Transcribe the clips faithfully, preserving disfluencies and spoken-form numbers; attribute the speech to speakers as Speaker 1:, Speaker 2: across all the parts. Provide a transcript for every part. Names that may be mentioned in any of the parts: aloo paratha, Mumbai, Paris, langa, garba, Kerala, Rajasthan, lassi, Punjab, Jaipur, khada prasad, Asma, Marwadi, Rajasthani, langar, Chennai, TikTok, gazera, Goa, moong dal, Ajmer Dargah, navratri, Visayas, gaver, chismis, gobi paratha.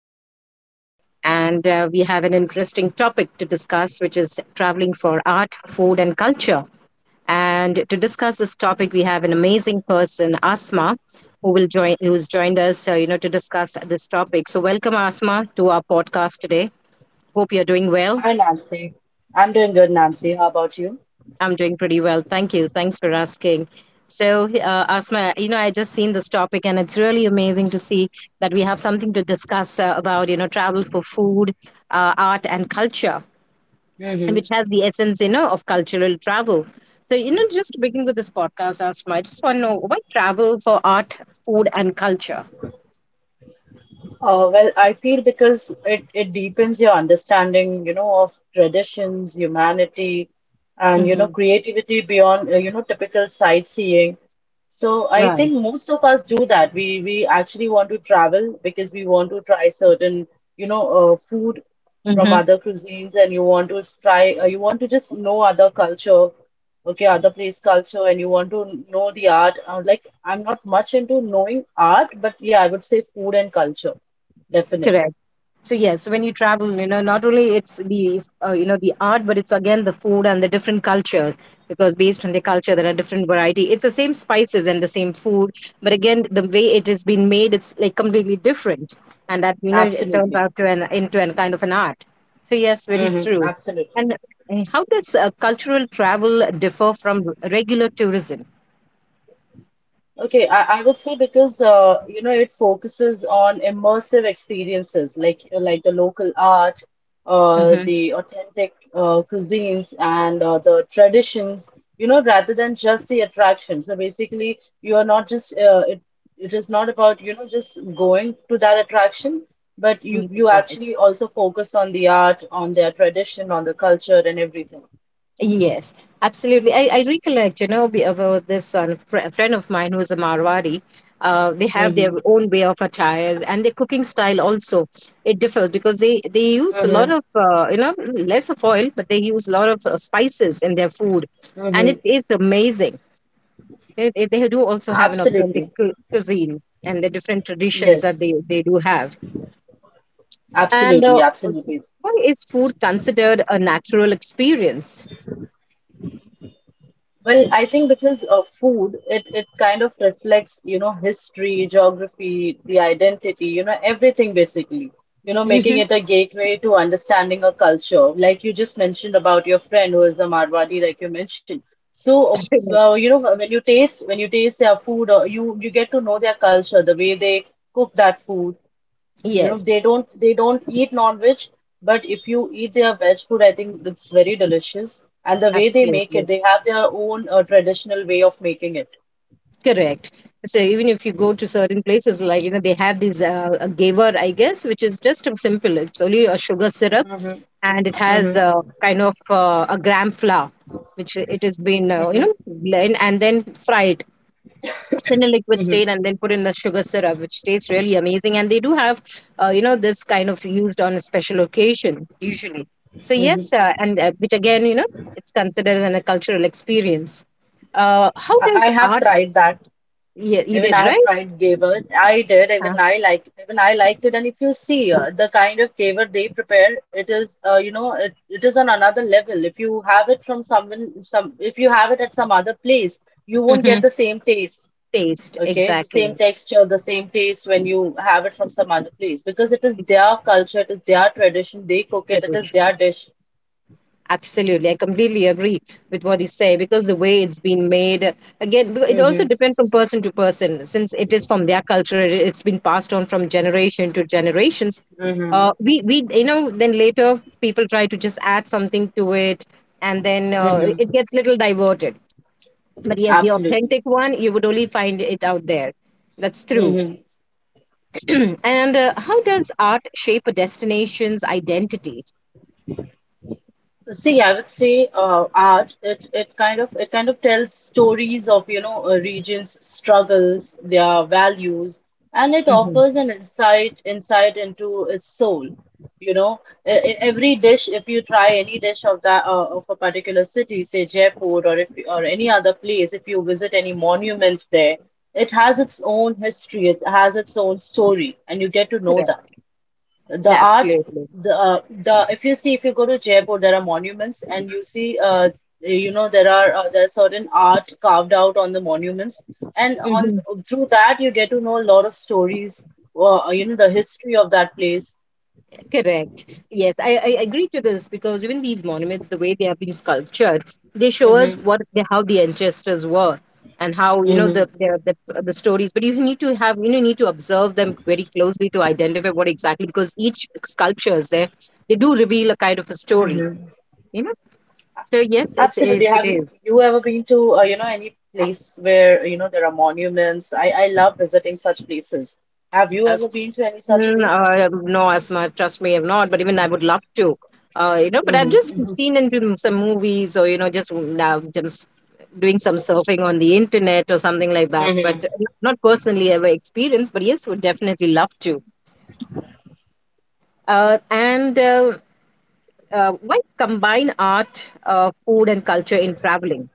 Speaker 1: your host today, and uh, we have an interesting topic to discuss, which is traveling for art, food, and culture. And to discuss this topic, we have an amazing person, Asma, who will join, who's joined us, uh, you know, to discuss this topic. So, welcome, Asma, to our podcast today. Hope you're doing well.
Speaker 2: Hi, Nancy. I'm doing good, Nancy. How about you?
Speaker 1: I'm doing pretty well. Thank you. Thanks for asking. So, uh, Asma, you know, I just seen this topic, and it's really amazing to see that we have something to discuss uh, about, you know, travel for food, uh, art, and culture, and which
Speaker 2: hmm
Speaker 1: has the essence, you know, of cultural travel. So, you know, just to begin with this podcast, Asma, I just want to know, why travel for art, food, and culture?
Speaker 2: Uh, well, I feel because it, it deepens your understanding, you know, of traditions, humanity, and, you know,
Speaker 1: Mm-hmm.
Speaker 2: creativity beyond, uh, you know, typical sightseeing. So I
Speaker 1: Right.
Speaker 2: think most of us do that. We we actually want to travel because we want to try certain, you know, uh, food from
Speaker 1: Mm-hmm.
Speaker 2: other cuisines, and you want to try, uh, you want to just know other culture, okay, other place culture, and you want to know the art. Uh, like I'm not much into knowing art, but yeah, I would say food and culture, definitely,
Speaker 1: So yes, so when you travel, you know not only it's the uh, you know the art, but it's again the food and the different culture, because based on the culture there are different variety. It's the same spices and the same food, but again, the way it has been made, it's like completely different. And that, you know it turns
Speaker 2: absolutely,
Speaker 1: out to an, into an kind of an art. So yes, very
Speaker 2: hmm
Speaker 1: true.
Speaker 2: absolutely.
Speaker 1: And uh, how does uh, cultural travel differ from r- regular tourism?
Speaker 2: Okay, I, I would say because uh, you know it focuses on immersive experiences like like the local art, uh,
Speaker 1: Mm-hmm.
Speaker 2: the authentic uh, cuisines and uh, the traditions, you know, rather than just the attraction. So basically, you are not just uh, it it is not about you know just going to that attraction, but you you
Speaker 1: Right.
Speaker 2: actually also focus on the art, on their tradition, on the culture and everything.
Speaker 1: Yes, absolutely. I, I recollect, you know, be- about this one, fr- a friend of mine who's a Marwari. Uh, they have their
Speaker 2: Mm-hmm.
Speaker 1: own way of attires and their cooking style also. It differs because they, they use a lot
Speaker 2: Mm-hmm.
Speaker 1: of, uh, you know, less of oil, but they use a lot of uh, spices in their food. And
Speaker 2: Mm-hmm.
Speaker 1: it is amazing. It, it, they do also have an authentic
Speaker 2: Absolutely.
Speaker 1: cu- cuisine and the different traditions that
Speaker 2: Yes.
Speaker 1: they, they do have. And
Speaker 2: Absolutely,
Speaker 1: uh, also,
Speaker 2: absolutely.
Speaker 1: why is food considered a natural experience?
Speaker 2: Well, I think because of food, it, it kind of reflects, you know, history, geography, the identity, you know, everything basically. You know, making
Speaker 1: Hmm.
Speaker 2: it a gateway to understanding a culture, like you just mentioned about your friend who is the Marwadi, like you mentioned. So, uh,
Speaker 1: Yes.
Speaker 2: you know, when you taste when you taste their food, uh, you you get to know their culture, the way they cook that food. You know, they
Speaker 1: Yes,
Speaker 2: don't they don't eat non-veg, but if you eat their veg food, I think it's very delicious. And the way they make
Speaker 1: absolutely.
Speaker 2: it, they have their own uh, traditional way of making it.
Speaker 1: Correct. So even if you go to certain places, like, you know, they have these uh, a gaver, I guess, which is just a simple, it's only a sugar syrup,
Speaker 2: Mm-hmm,
Speaker 1: and it has
Speaker 2: mm-hmm,
Speaker 1: a kind of uh, a gram flour, which it has been, uh, you know,
Speaker 2: mm-hmm,
Speaker 1: blend and then fried in a liquid
Speaker 2: mm-hmm,
Speaker 1: state, and then put in the sugar syrup, which tastes really amazing. And they do have, uh, you know, this kind of used on a special occasion usually. So
Speaker 2: mm-hmm.
Speaker 1: yes, uh, and uh, which again, you know, it's considered an, a cultural experience. Uh, how
Speaker 2: I, I
Speaker 1: does
Speaker 2: have
Speaker 1: art?
Speaker 2: tried that.
Speaker 1: Yeah, you
Speaker 2: Even
Speaker 1: did
Speaker 2: I
Speaker 1: right.
Speaker 2: have tried gaver. I did.
Speaker 1: Yeah.
Speaker 2: Even I like. Even I liked it. And if you see uh, the kind of gaver they prepare, it is, uh, you know, it, it is on another level. If you have it from someone, some, if you have it at some other place, you won't get
Speaker 1: Hmm.
Speaker 2: the same taste.
Speaker 1: Taste,
Speaker 2: Okay, the same
Speaker 1: exactly.
Speaker 2: texture, the same taste when you have it from some other place because it is their culture, it is their tradition, they cook it, it is
Speaker 1: Literature.
Speaker 2: their dish.
Speaker 1: Absolutely, I completely agree with what you say, because the way it's been made, uh, again, because it also
Speaker 2: Mm-hmm.
Speaker 1: depends from person to person. Since it is from their culture, it- it's been passed on from generation to generations.
Speaker 2: Mm-hmm.
Speaker 1: Uh, we we you know then later people try to just add something to it, and then uh,
Speaker 2: Mm-hmm.
Speaker 1: it gets little diverted. But yes, the
Speaker 2: Absolutely.
Speaker 1: authentic one you would only find it out there. That's true.
Speaker 2: Mm-hmm.
Speaker 1: And uh, how does art shape a destination's identity?
Speaker 2: See, I would say uh, art. It it kind of it kind of tells stories of you know a region's struggles, their values, and it
Speaker 1: Hmm.
Speaker 2: offers an insight insight into its soul. You know, E- e- every dish, if you try any dish of that uh, of a particular city, say Jaipur or if or any other place, if you visit any monument there, it has its own history. It has its own story, and you get to know
Speaker 1: Correct.
Speaker 2: that the art
Speaker 1: Absolutely.
Speaker 2: the uh, the if you see if you go to Jaipur there are monuments and you see uh, you know there are uh, there are certain art carved out on the monuments and on
Speaker 1: Hmm.
Speaker 2: through that you get to know a lot of stories uh, you know the history of that place.
Speaker 1: Correct. Yes, I, I agree to this, because even these monuments, the way they have been sculptured, they show us
Speaker 2: Mm-hmm,
Speaker 1: what the, how the ancestors were, and how, you know
Speaker 2: mm-hmm,
Speaker 1: the, the the the stories. But you need to have, you know need to observe them very closely to identify what exactly, because each sculpture is there. They do reveal a kind of a story.
Speaker 2: mm-hmm.
Speaker 1: You know. So yes, it is.
Speaker 2: Absolutely,
Speaker 1: It
Speaker 2: have you
Speaker 1: is.
Speaker 2: you ever been to uh, you know any place where you know there are monuments? I I love visiting such places. Have you
Speaker 1: Uh,
Speaker 2: ever been to any such
Speaker 1: Mm,
Speaker 2: place?
Speaker 1: uh, no, as much. Trust me, I've not. But even I would love to. Uh, you know, but
Speaker 2: Mm-hmm,
Speaker 1: I've just
Speaker 2: mm-hmm,
Speaker 1: seen into m- some movies, or you know, just now just doing some surfing on the internet or something like that. But n-
Speaker 2: mm-hmm.
Speaker 1: not personally ever experienced. But yes, would definitely love to. Uh, and uh, uh, why combine art, uh, food, and culture in traveling?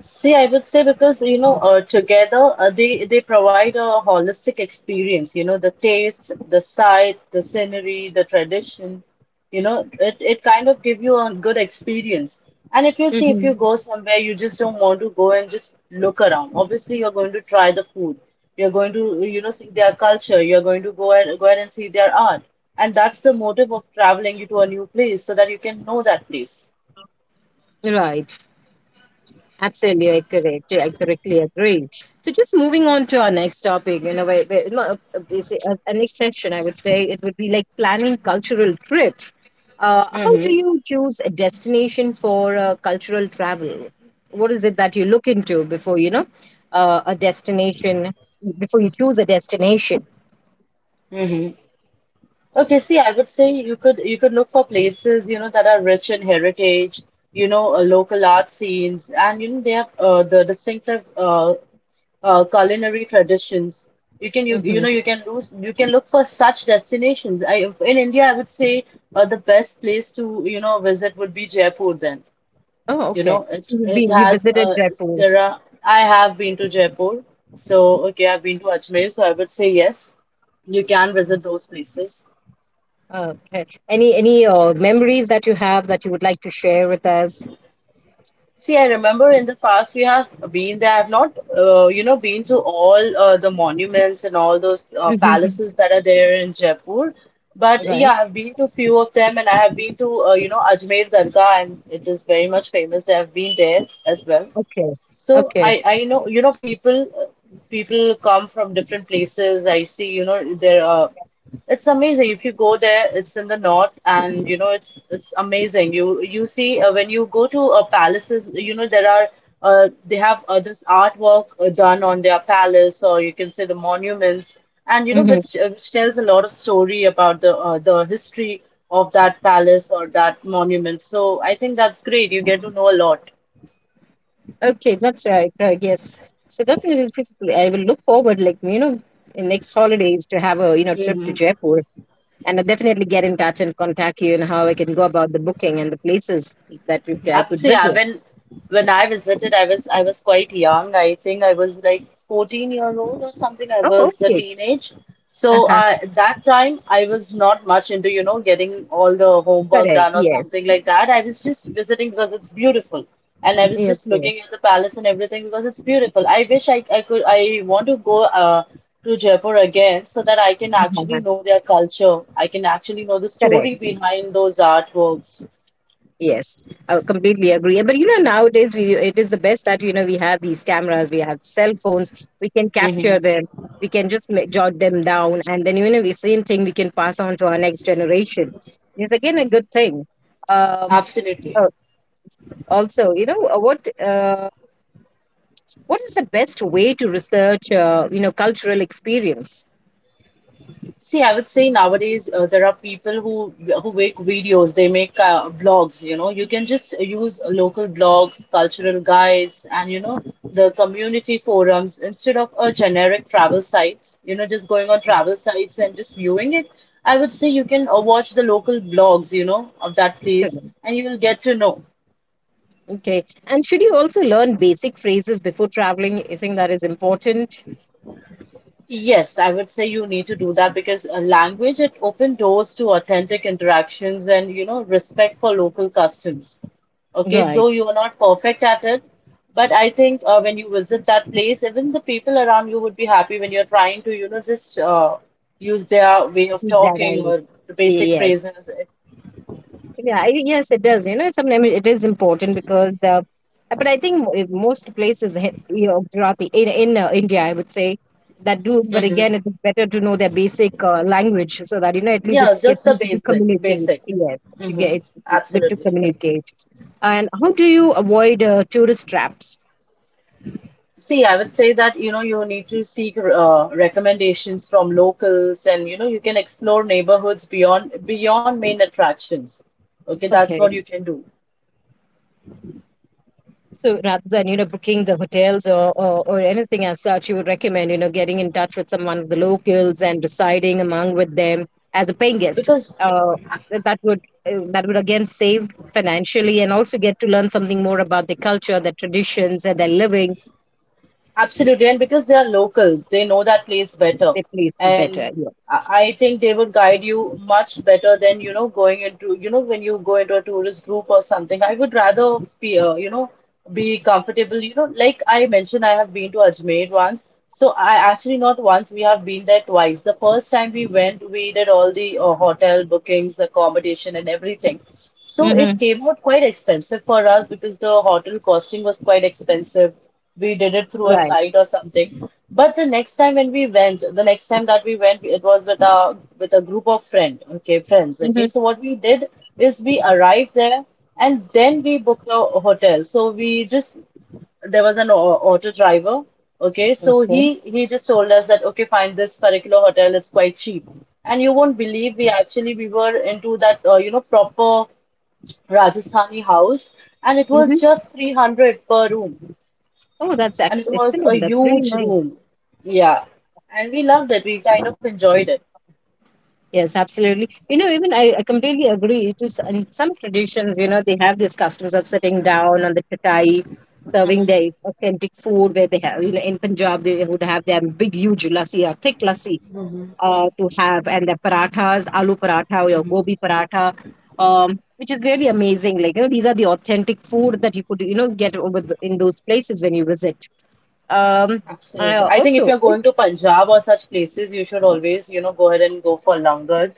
Speaker 2: See, I would say because you know, uh, together uh, they they provide a holistic experience. You know, the taste, the sight, the scenery, the tradition. You know, it it kind of give you a good experience. And if you see, if you
Speaker 1: Hmm.
Speaker 2: go somewhere, you just don't want to go and just look around. Obviously, you're going to try the food. You're going to you know see their culture. You're going to go and go ahead and see their art. And that's the motive of traveling you to a new place so that you can know that place.
Speaker 1: Right. Absolutely, I correct. I correctly agree. So, just moving on to our next topic, you know, where, where, no, uh, is it- uh, a next session, I would say it would be like planning cultural trips. Uh, how do you choose a destination for uh, cultural travel? What is it that you look into before you know uh, a destination? Before you choose a destination.
Speaker 2: Okay, see, I would say you could you could look for places, you know, that are rich in heritage, you know, uh, local art scenes, and you know they have uh, the distinctive uh, uh, culinary traditions. You can you you
Speaker 1: Hmm.
Speaker 2: know you can lose you can look for such destinations. I In India, I would say uh, the best place to you know visit would be Jaipur. Then
Speaker 1: Oh,
Speaker 2: you
Speaker 1: okay.
Speaker 2: know
Speaker 1: So
Speaker 2: it
Speaker 1: you've
Speaker 2: it
Speaker 1: been you
Speaker 2: has
Speaker 1: visited
Speaker 2: uh,
Speaker 1: Jaipur.
Speaker 2: there are I have been to Jaipur, so okay, I've been to Ajmer, so I would say yes, you can visit those places.
Speaker 1: Uh, okay. Any any uh, memories that you have that you would like to share with us?
Speaker 2: See, I remember in the past we have been there. I've not, uh, you know, been to all uh, the monuments and all those uh, palaces that are there in Jaipur. But
Speaker 1: Right.
Speaker 2: yeah, I've been to few of them, and I have been to, uh, you know, Ajmer Dargah, and it is very much famous. I've been there as well.
Speaker 1: Okay.
Speaker 2: So
Speaker 1: Okay.
Speaker 2: I, I know, you know, people, uh, people come from different places. I see, you know, there. Uh, it's amazing if you go there. It's in the north, and you know it's it's amazing. You you see uh, when you go to uh, palaces, you know there are uh, they have uh, this artwork uh, done on their palace, or you can say the monuments, and you know
Speaker 1: Mm-hmm.
Speaker 2: which uh, which tells a lot of story about the uh, the history of that palace or that monument. So I think that's great. You get to know a lot.
Speaker 1: Okay. That's right. Right. Yes. So definitely, definitely, I will look forward, like, you know, in next holidays to have a you know trip to
Speaker 2: hmm
Speaker 1: Jaipur, and I'll definitely get in touch and contact you, and how I can go about the booking and the places that we, I
Speaker 2: Um,
Speaker 1: could
Speaker 2: so yeah,
Speaker 1: visit.
Speaker 2: when when I visited, I was I was quite young. I think I was like fourteen year old or something. I
Speaker 1: Oh,
Speaker 2: was a
Speaker 1: okay.
Speaker 2: teenage.
Speaker 1: Uh
Speaker 2: So
Speaker 1: huh.
Speaker 2: uh, at that time, I was not much into, you know, getting all the homework
Speaker 1: Correct.
Speaker 2: done or
Speaker 1: Yes.
Speaker 2: something like that. I was just visiting because it's beautiful. And I was just
Speaker 1: Okay.
Speaker 2: looking at the palace and everything because it's beautiful. I wish I, I could, I want to go uh, to Jaipur again so that I can actually
Speaker 1: Uh-huh.
Speaker 2: know their culture. I can actually know the
Speaker 1: Correct.
Speaker 2: story behind those artworks.
Speaker 1: Yes, I completely agree. But you know, nowadays, we it is the best that, you know we have these cameras, we have cell phones, we can capture
Speaker 2: hmm
Speaker 1: them, we can just ma- jot them down, and then, you know the same thing we can pass on to our next generation. It's again a good thing. Um,
Speaker 2: Absolutely.
Speaker 1: oh, also, you know uh, what, uh, what is the best way to research uh, you know cultural experience?
Speaker 2: See, I would say nowadays uh, there are people who who make videos, they make uh, blogs, you know. You can just use local blogs, cultural guides, and you know the community forums instead of a generic travel sites. You know, just going on travel sites and just viewing it. I would say you can uh, watch the local blogs, you know, of that place,
Speaker 1: Correct.
Speaker 2: and you will get to know.
Speaker 1: Okay, and should you also learn basic phrases before traveling? You think that is important?
Speaker 2: Yes, I would say you need to do that because uh, language it open doors to authentic interactions and you know respect for local customs. Okay, though
Speaker 1: Right.
Speaker 2: you are not perfect at it, but I think uh, when you visit that place, even the people around you would be happy when you're trying to, you know, just uh, use their way of
Speaker 1: That I
Speaker 2: talking
Speaker 1: like.
Speaker 2: or the basic
Speaker 1: Yes.
Speaker 2: phrases.
Speaker 1: Yeah. I- Yes, it does. You know, sometimes it is important, because, uh, but I think mo- if most places, he- you know, throughout the in in uh, India, I would say that do. But
Speaker 2: hmm
Speaker 1: again, it is better to know their basic uh, language, so that, you know at least
Speaker 2: Yeah,
Speaker 1: it gets
Speaker 2: just the
Speaker 1: easy to
Speaker 2: basic,
Speaker 1: communicate.
Speaker 2: basic.
Speaker 1: Yes, to
Speaker 2: hmm
Speaker 1: get it's good to
Speaker 2: Absolutely.
Speaker 1: communicate. And how do you avoid uh, tourist traps?
Speaker 2: See, I would say that, you know, you need to seek uh, recommendations from locals and, you know, you can explore neighborhoods beyond beyond main attractions. Okay, that's what
Speaker 1: Okay.
Speaker 2: you can do.
Speaker 1: So rather than, you know booking the hotels, or, or or anything as such, you would recommend, you know getting in touch with someone of the locals and residing among with them as a paying guest.
Speaker 2: Because
Speaker 1: Uh, that that would uh, that would again save financially, and also get to learn something more about their culture, their traditions, and their living,
Speaker 2: absolutely, and because they are locals, they know that place better,
Speaker 1: their place
Speaker 2: and
Speaker 1: better.
Speaker 2: I
Speaker 1: Yes.
Speaker 2: I think they would guide you much better than you know going into you know when you go into a tourist group or something. I would rather be uh, you know be comfortable. You know, like I mentioned, I have been Ajmer once. So I actually not once we have been there twice. The first time we went, we did all the uh, hotel bookings, accommodation, and everything. So it
Speaker 1: Mm-hmm.
Speaker 2: came out quite expensive for us because the hotel costing was quite expensive we did it through a
Speaker 1: Right.
Speaker 2: site or something. But the next time when we went, the next time that we went, it was with a with a group of friend, okay, friends, okay.
Speaker 1: Mm-hmm.
Speaker 2: So what we did is we arrived there and then we booked a hotel. So we just there was an au- auto driver, okay. So
Speaker 1: Okay.
Speaker 2: he he just told us that okay, find this particular hotel. It's quite cheap, and you won't believe we actually we were into that uh, you know proper Rajasthani house, and it was
Speaker 1: Mm-hmm.
Speaker 2: just three hundred per room
Speaker 1: Oh, that's
Speaker 2: and
Speaker 1: ex-
Speaker 2: it was a
Speaker 1: excellent. That's really
Speaker 2: huge
Speaker 1: nice.
Speaker 2: room. Yeah. And we loved it. We kind of enjoyed it.
Speaker 1: Yes, absolutely. You know, even I, I completely agree. To s- in some traditions, you know, they have these customs of sitting down on the chatai, serving their authentic food. Where they have, you know, in Punjab, they would have their big, huge lassi, or thick lassi, uh, to have, and their parathas, aloo paratha or your gobi paratha, um, which is really amazing. Like, you know, these are the authentic food that you could, you know, get over the, in those places when you visit. Um, I
Speaker 2: Absolutely. I think if
Speaker 1: also,
Speaker 2: you're
Speaker 1: is,
Speaker 2: going to Punjab or such places, you should always, you know, go ahead and go for langar.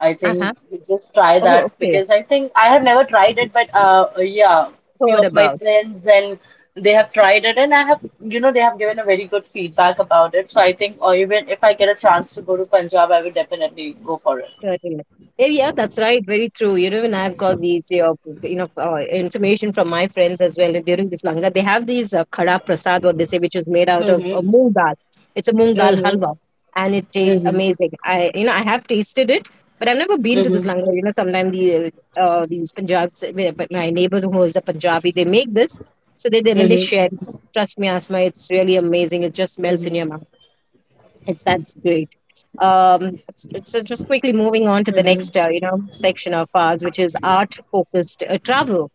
Speaker 2: I
Speaker 1: uh huh.
Speaker 2: think you just try
Speaker 1: Oh,
Speaker 2: that
Speaker 1: okay.
Speaker 2: because I think I have never tried it, but uh, yeah, few
Speaker 1: Heard
Speaker 2: of my
Speaker 1: about.
Speaker 2: friends and they have tried it, and I have, you know, they have given a very good feedback about it. So I think, or even if I get a chance to go to Punjab, I will definitely go for it.
Speaker 1: Correct. Eh, Yeah, that's right. Very true. You know, when I've got these, uh, you know, uh, information from my friends as well, during this langa, they have these uh, khada prasad, what they say, which is made out of uh,
Speaker 2: Mm-hmm.
Speaker 1: moong dal. It's a moong dal
Speaker 2: Mm-hmm.
Speaker 1: halwa, and it tastes
Speaker 2: Mm-hmm.
Speaker 1: amazing. I, you know, I have tasted it, but I've never been to this
Speaker 2: Mm-hmm.
Speaker 1: langa. You know, sometimes the uh, uh, these Punjabs, eh, but my neighbors who is a Punjabi, they make this, so they, they, when they share.
Speaker 2: Mm-hmm.
Speaker 1: Trust me, Asma, it's really amazing. It just melts in your
Speaker 2: Mm-hmm.
Speaker 1: mouth. It's That's great. Um, s- so just quickly moving on to the
Speaker 2: Mm-hmm.
Speaker 1: next, uh, you know, section of ours, which is art-focused uh, travel.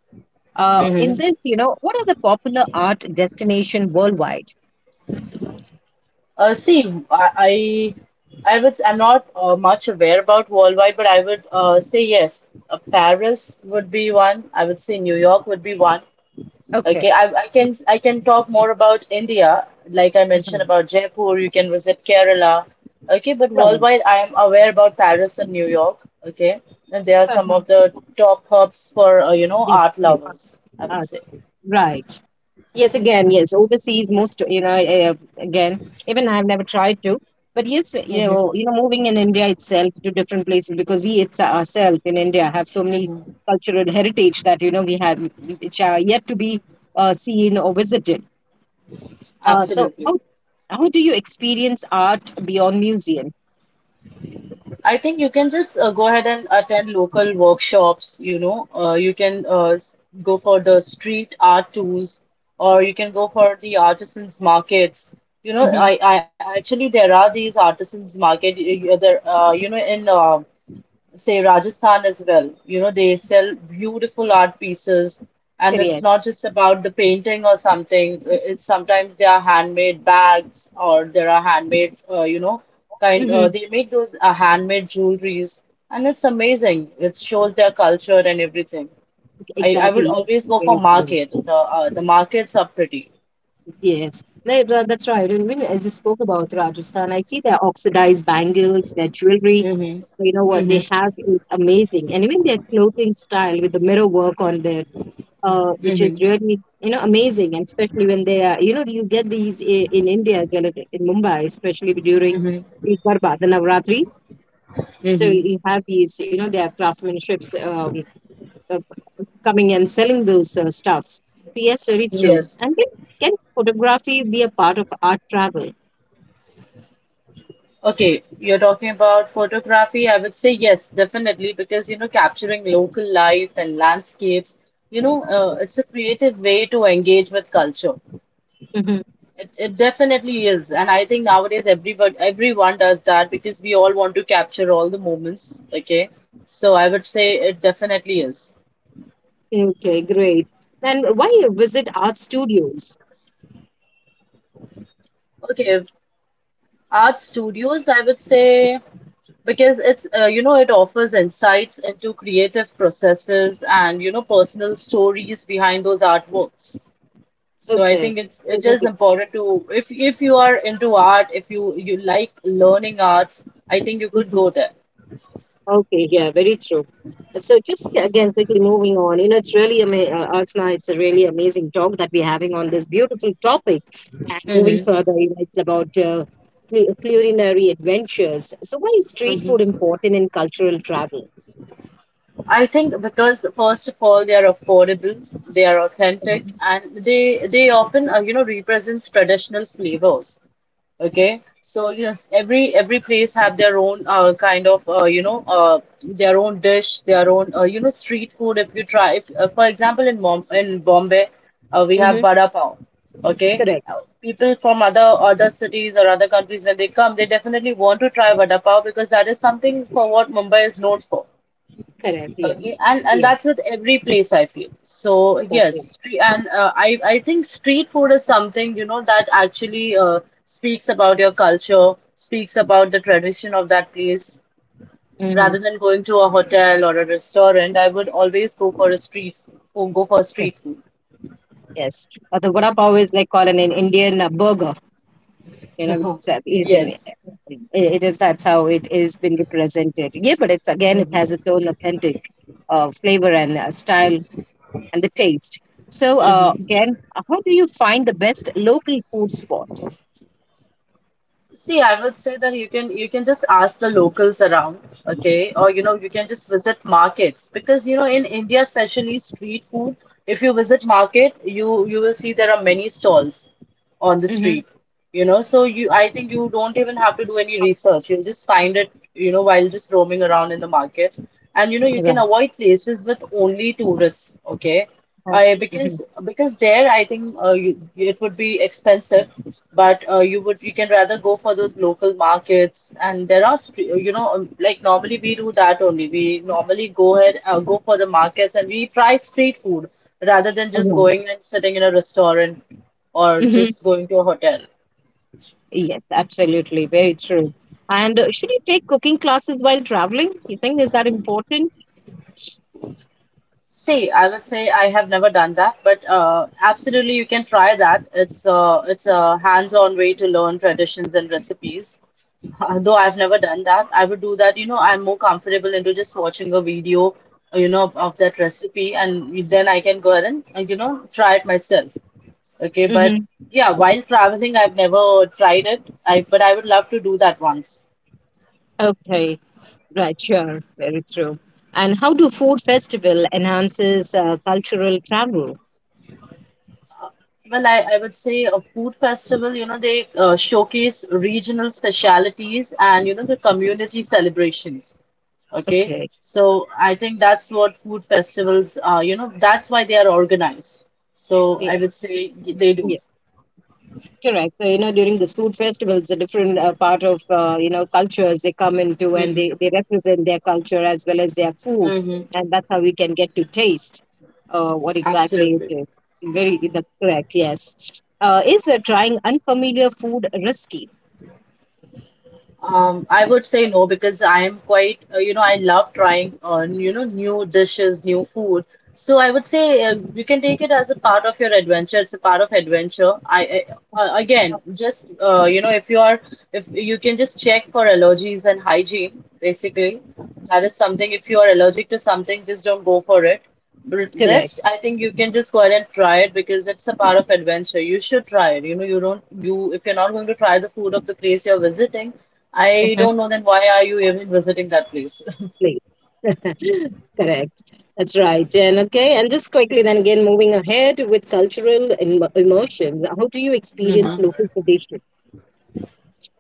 Speaker 1: Uh, in
Speaker 2: Mm-hmm.
Speaker 1: this, you know, what are the popular art destination worldwide?
Speaker 2: Uh, see, I, I, I would. I'm not uh, much aware about worldwide, but I would uh, say yes. Uh, Paris would be one. I would say New York would be one.
Speaker 1: Okay.
Speaker 2: Okay, I, I can I can talk more about India, like I mentioned
Speaker 1: Uh-huh.
Speaker 2: about Jaipur. You can visit Kerala. Okay, but
Speaker 1: Right.
Speaker 2: worldwide, I am aware about Paris and New York. Okay, and they are some
Speaker 1: Uh-huh.
Speaker 2: of the top hubs for uh, you know
Speaker 1: Yes.
Speaker 2: art
Speaker 1: Yeah,
Speaker 2: lovers. I
Speaker 1: uh,
Speaker 2: would say.
Speaker 1: right. Yes, again, yes, overseas most, you know uh, again, even I've never tried to, but yes, you know,
Speaker 2: Mm-hmm.
Speaker 1: you know, moving in India itself to different places, because we it's ourselves in India have so many
Speaker 2: Mm-hmm.
Speaker 1: cultural heritage that, you know we have, which are yet to be uh, seen or visited. Uh, so how
Speaker 2: Absolutely.
Speaker 1: how do you experience art beyond museum?
Speaker 2: I think you can just uh, go ahead and attend local workshops, you know, uh, you can uh, s- go for the street art tours or you can go for the artisans markets. You know,
Speaker 1: Mm-hmm.
Speaker 2: I, I actually there are these artisans market y- y- there uh, you know in um say Rajasthan as well. You know, they sell beautiful art pieces, and it's
Speaker 1: Korea.
Speaker 2: not just about the painting or something. I- It's sometimes they are handmade bags or there are handmade, uh, you know, kind. Uh,
Speaker 1: Mm-hmm.
Speaker 2: they make those uh, handmade jewelries, and it's amazing. It shows their culture and everything. I, I would
Speaker 1: Exactly.
Speaker 2: always go for
Speaker 1: Very true.
Speaker 2: market. The uh, the markets are pretty.
Speaker 1: Yes, no, tha- that's right. And when, as you spoke about Rajasthan, I see their oxidized bangles, their jewelry,
Speaker 2: Mm-hmm.
Speaker 1: you know what they
Speaker 2: Mm-hmm.
Speaker 1: have is amazing, and even their clothing style with the mirror work on there, uh, which is
Speaker 2: Mm-hmm.
Speaker 1: really, you know amazing, and especially when they are, you know you get these i- in India, as well as in Mumbai, especially during
Speaker 2: Mm-hmm.
Speaker 1: the garba, the Navratri. So
Speaker 2: Mm-hmm.
Speaker 1: you have these, you know their craftsmanships, um, uh, coming and selling those uh, stuffs. So yes, very true.
Speaker 2: Yes.
Speaker 1: And then, can photography be a part of art travel?
Speaker 2: Okay, you're talking about photography. I would say yes, definitely, because you know, capturing local life and landscapes, you know, uh, it's a creative way to engage with culture.
Speaker 1: Hmm.
Speaker 2: It, it definitely is, and I think nowadays everyone everyone does that because we all want to capture all the moments. Okay, so I would say it definitely is.
Speaker 1: Okay, great. Then why visit art studios?
Speaker 2: Okay, art studios, I would say, because it's uh, you know it offers insights into creative processes and you know personal stories behind those artworks, so I
Speaker 1: Okay,
Speaker 2: think it's
Speaker 1: so
Speaker 2: it
Speaker 1: that.
Speaker 2: is important to, if if you are into art, if you you like learning arts, I think you could
Speaker 1: Mhm.
Speaker 2: go there.
Speaker 1: Okay, yeah, very true. And so just again, quickly moving on, you know, it's really amazing, uh, Asma, it's a really amazing talk that we're having on this beautiful topic. And moving
Speaker 2: Mm-hmm.
Speaker 1: further, you know, it's about uh, cul- culinary adventures. So why is street food
Speaker 2: Mm-hmm.
Speaker 1: important in cultural travel?
Speaker 2: I think because first of all they are affordable, they are authentic, and they they often uh, you know represents traditional flavors. Okay, so yes, every every place have their own uh, kind of uh, you know uh, their own dish, their own uh, you know street food. If you try, if uh, for example in Mom in Bombay, uh, we have
Speaker 1: Mm-hmm.
Speaker 2: vada pav. Okay.
Speaker 1: Correct,
Speaker 2: Uh, people from other other cities or other countries when they come, they definitely want to try vada pav because that is something for what Mumbai is known for.
Speaker 1: correct,
Speaker 2: Okay,
Speaker 1: yes.
Speaker 2: and and
Speaker 1: Yeah,
Speaker 2: that's with every place I feel. So
Speaker 1: that's
Speaker 2: yes,
Speaker 1: it.
Speaker 2: stre- and uh, I I think street food is something you know that actually uh, speaks about your culture, speaks about the tradition of that place.
Speaker 1: Mm-hmm.
Speaker 2: Rather than going to a hotel or a restaurant, I would always go for a street food, go for street food.
Speaker 1: Yes. Uh, the vada pav is like called an Indian uh, burger. You know it's uh,
Speaker 2: Yes.
Speaker 1: it, it is that's how it is been represented, yeah, but it's again it has
Speaker 2: Hmm.
Speaker 1: its own authentic uh, flavor and uh, style and the taste. So uh, again uh, how do you find the best local food spot?
Speaker 2: See, I will say that you can you can just ask the locals around, okay? Or you know, you can just visit markets because you know in India, especially street food, if you visit market, you you will see there are many stalls on the
Speaker 1: Mm-hmm.
Speaker 2: street. You know, so you I think you don't even have to do any research. You'll just find it, you know, while just roaming around in the market. And you know, you can
Speaker 1: Right.
Speaker 2: avoid places with only tourists, okay? I because
Speaker 1: Mm-hmm.
Speaker 2: because there I think uh, you, it would be expensive, but uh, you would you can rather go for those local markets and there are sp- you know um, like normally we do that only, we normally go ahead uh, go for the markets and we try street food rather than just
Speaker 1: Right.
Speaker 2: going and sitting in a restaurant or
Speaker 1: Mm-hmm.
Speaker 2: just going to a hotel.
Speaker 1: Yes, absolutely, very true. And uh, should you take cooking classes while traveling, you think, is that important?
Speaker 2: See, I will say I have never done that but uh, absolutely you can try that. It's uh, it's a hands-on way to learn traditions and recipes. Uh, Though I've never done that, I would do that. You know, I'm more comfortable into just watching a video, uh, you know, of, of that recipe, and then I can go ahead and, uh, you know, try it myself. Okay, but
Speaker 1: Mm-hmm.
Speaker 2: yeah, while traveling, I've never tried it. I but I would love to do that once.
Speaker 1: Okay. Right, sure, very true. And how do food festival enhances uh, cultural travel?
Speaker 2: Well, I, I would say a food festival, you know, they uh, showcase regional specialities and, you know, the community celebrations. Okay,
Speaker 1: Okay,
Speaker 2: so I think that's what food festivals are, you know, that's why they are organized. So I
Speaker 1: yes,
Speaker 2: would say they do.
Speaker 1: yeah, correct. So you know, during this food festivals, a different uh, part of, uh, you know, cultures, they come into, and
Speaker 2: Mm-hmm.
Speaker 1: they they represent their culture as well as their food,
Speaker 2: Mm-hmm.
Speaker 1: and that's how we can get to taste uh, what exactly it
Speaker 2: Absolutely.
Speaker 1: is. Very, that's correct. Yes, uh, is uh, trying unfamiliar food risky?
Speaker 2: Um, I would say no because I am quite, uh, you know, I love trying, uh, you know, new dishes, new food. So I would say uh, you can take it as a part of your adventure. It's a part of adventure. I, I uh, again, just uh, you know, if you are, if you can just check for allergies and hygiene, basically, that is something. If you are allergic to something, just don't go for it. But
Speaker 1: Correct.
Speaker 2: rest, I think you can just go ahead and try it because it's a part of adventure. You should try it. You know, you don't, you if you're not going to try the food of the place you're visiting. I don't know then why are you even visiting that place?
Speaker 1: Place. Correct. That's right. And okay, and just quickly then again moving ahead with cultural Im- immersion. How do you experience
Speaker 2: Mhm.
Speaker 1: local tradition?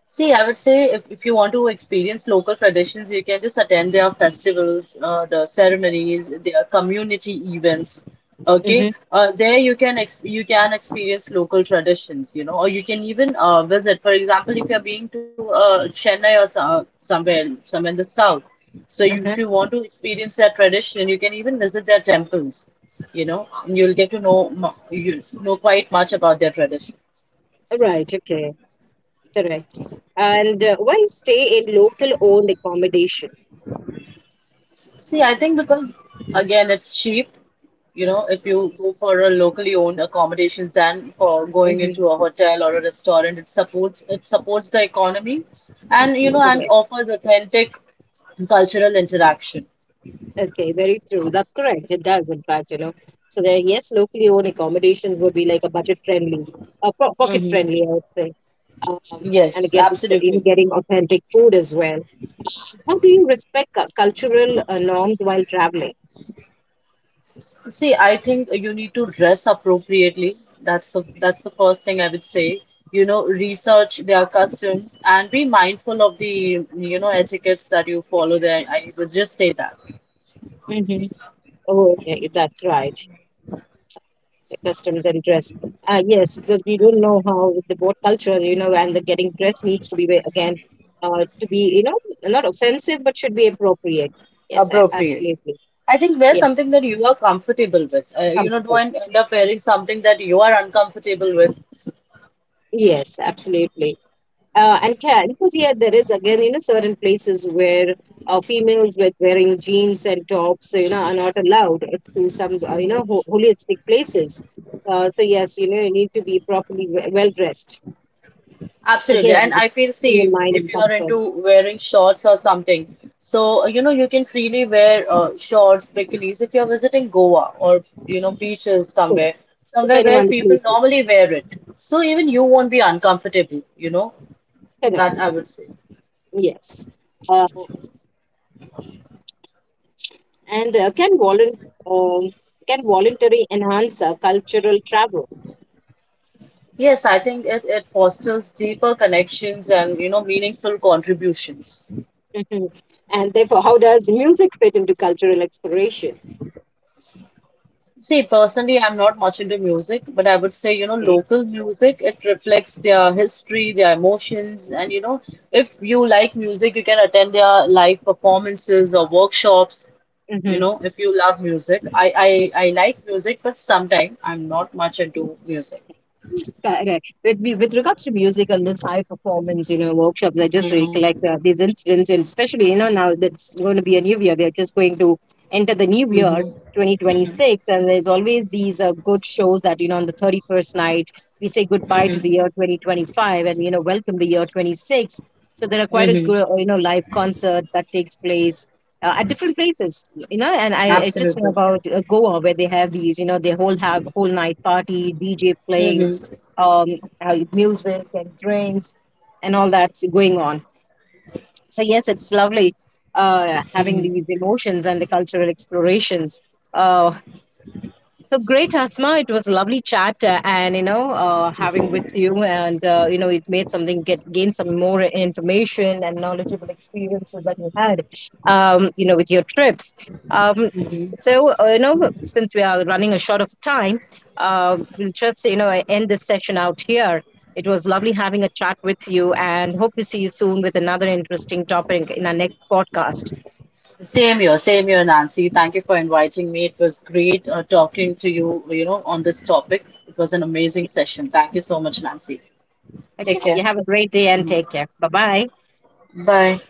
Speaker 2: See, I would say if, if you want to experience local traditions, you can just attend their festivals, uh, the ceremonies, their community events. Okay,
Speaker 1: Mm-hmm.
Speaker 2: uh, there you can ex you can experience local traditions, you know, or you can even uh, visit. For example, if you're being to uh, Chennai or so, uh, somewhere somewhere in the south, so you, if
Speaker 1: Uh-huh.
Speaker 2: you want to experience their tradition, you can even visit their temples, you know, and you'll get to know mu- you know quite much about their tradition.
Speaker 1: All right. Okay. Correct. And uh, why stay in local owned accommodation?
Speaker 2: See, I think because again it's cheap. You know, if you go for a locally owned accommodations than for going
Speaker 1: Mm-hmm.
Speaker 2: into a hotel or a restaurant, it supports it supports the economy and you know and
Speaker 1: Correct.
Speaker 2: offers authentic cultural interaction.
Speaker 1: Okay. Very true. That's correct. It does, in fact, you know. So there, yes, locally owned accommodations would be like a budget friendly, uh, po- pocket
Speaker 2: Hmm.
Speaker 1: friendly, I would say. Um, and
Speaker 2: Yes,
Speaker 1: again, it's, uh, you know,
Speaker 2: absolutely.
Speaker 1: getting authentic food as well. How do you respect cu- cultural uh, norms while traveling?
Speaker 2: See, I think you need to dress appropriately. That's the that's the first thing I would say. You know, research their customs and be mindful of the you know etiquettes that you follow there. I would just say that
Speaker 1: Hmm. Oh, yeah, that's right. The customs and dress. Uh, yes, because we don't know how the both culture, you know, and the getting dressed needs to be ve- again, uh, to be, you know, not offensive, but should be appropriate. Yes, a-
Speaker 2: appropriate.
Speaker 1: absolutely.
Speaker 2: I think wear
Speaker 1: Yeah,
Speaker 2: something that you are comfortable with. Uh, you know,
Speaker 1: comfortable.
Speaker 2: don't end up wearing something that you are uncomfortable with.
Speaker 1: Yes, absolutely. Uh, and can, because yeah, there is again, you know, certain places where, uh, females with wearing jeans and tops, you know, are not allowed to some, uh, you know, ho- holistic places. Uh, so yes, you know, you need to be properly we- well dressed.
Speaker 2: Absolutely.
Speaker 1: Again,
Speaker 2: And
Speaker 1: with
Speaker 2: I feel,
Speaker 1: keeping
Speaker 2: see,
Speaker 1: in
Speaker 2: if,
Speaker 1: mind
Speaker 2: if
Speaker 1: and
Speaker 2: you are
Speaker 1: comfort,
Speaker 2: into wearing shorts or something, so, uh, you know, you can freely wear uh, shorts, bikinis, if you're visiting Goa or, you know, beaches
Speaker 1: so,
Speaker 2: somewhere, somewhere
Speaker 1: depending
Speaker 2: where
Speaker 1: on the
Speaker 2: people
Speaker 1: places.
Speaker 2: normally wear it. So even you won't be uncomfortable, you know, that
Speaker 1: Correct.
Speaker 2: I would say.
Speaker 1: Yes. Uh, and uh, can volun- um, can voluntary enhance uh, cultural travel?
Speaker 2: Yes, I think it, it fosters deeper connections and, you know, meaningful contributions.
Speaker 1: Mhm. And therefore, how does music fit into cultural exploration?
Speaker 2: See, personally, I'm not much into music, but I would say, you know,
Speaker 1: Okay.
Speaker 2: local music, it reflects their history, their emotions. And, you know, if you like music, you can attend their live performances or workshops. You
Speaker 1: Mhm.
Speaker 2: know, if you love music, I, I, I like music, but sometimes I'm not much into music.
Speaker 1: Correct. With me- with regards to music and this high performance, you know, workshops, I just
Speaker 2: Mm-hmm,
Speaker 1: recollect uh, these incidents, and especially you know now that's going to be a new year. They're just going to enter the new
Speaker 2: mm-hmm,
Speaker 1: year, twenty twenty six, and there's always these uh, good shows that you know on the thirty first night we say goodbye to
Speaker 2: mm-hmm,
Speaker 1: the year twenty twenty five and you know welcome the year twenty six. So there are quite a
Speaker 2: mm-hmm.
Speaker 1: good uh, you know live concerts that takes place. Uh, at different places, you know, and I, I just know
Speaker 2: Absolutely.
Speaker 1: about uh, Goa where they have these, you know, they whole have whole night party, D J playing,
Speaker 2: Mm-hmm.
Speaker 1: um, uh, music and drinks and all that's going on. So yes, it's lovely uh, having these emotions and the cultural explorations, uh, so great, Asma. It was a lovely chat, uh, and you know, uh, having with you, and uh, you know, it made something get gain some more information and knowledgeable experiences that you had, um, you know, with your trips. Um, so uh, you know, since we are running a short of time, uh, we'll just you know end this session out here. It was lovely having a chat with you, and hope to see you soon with another interesting topic in our next podcast.
Speaker 2: Same here, same here, Nancy. Thank you for inviting me. It was great uh, talking to you, you know, on this topic. It was an amazing session. Thank you so much, Nancy.
Speaker 1: Okay,
Speaker 2: Take
Speaker 1: you
Speaker 2: care.
Speaker 1: have a great day and
Speaker 2: Mhm.
Speaker 1: take care. Bye bye.
Speaker 2: Bye.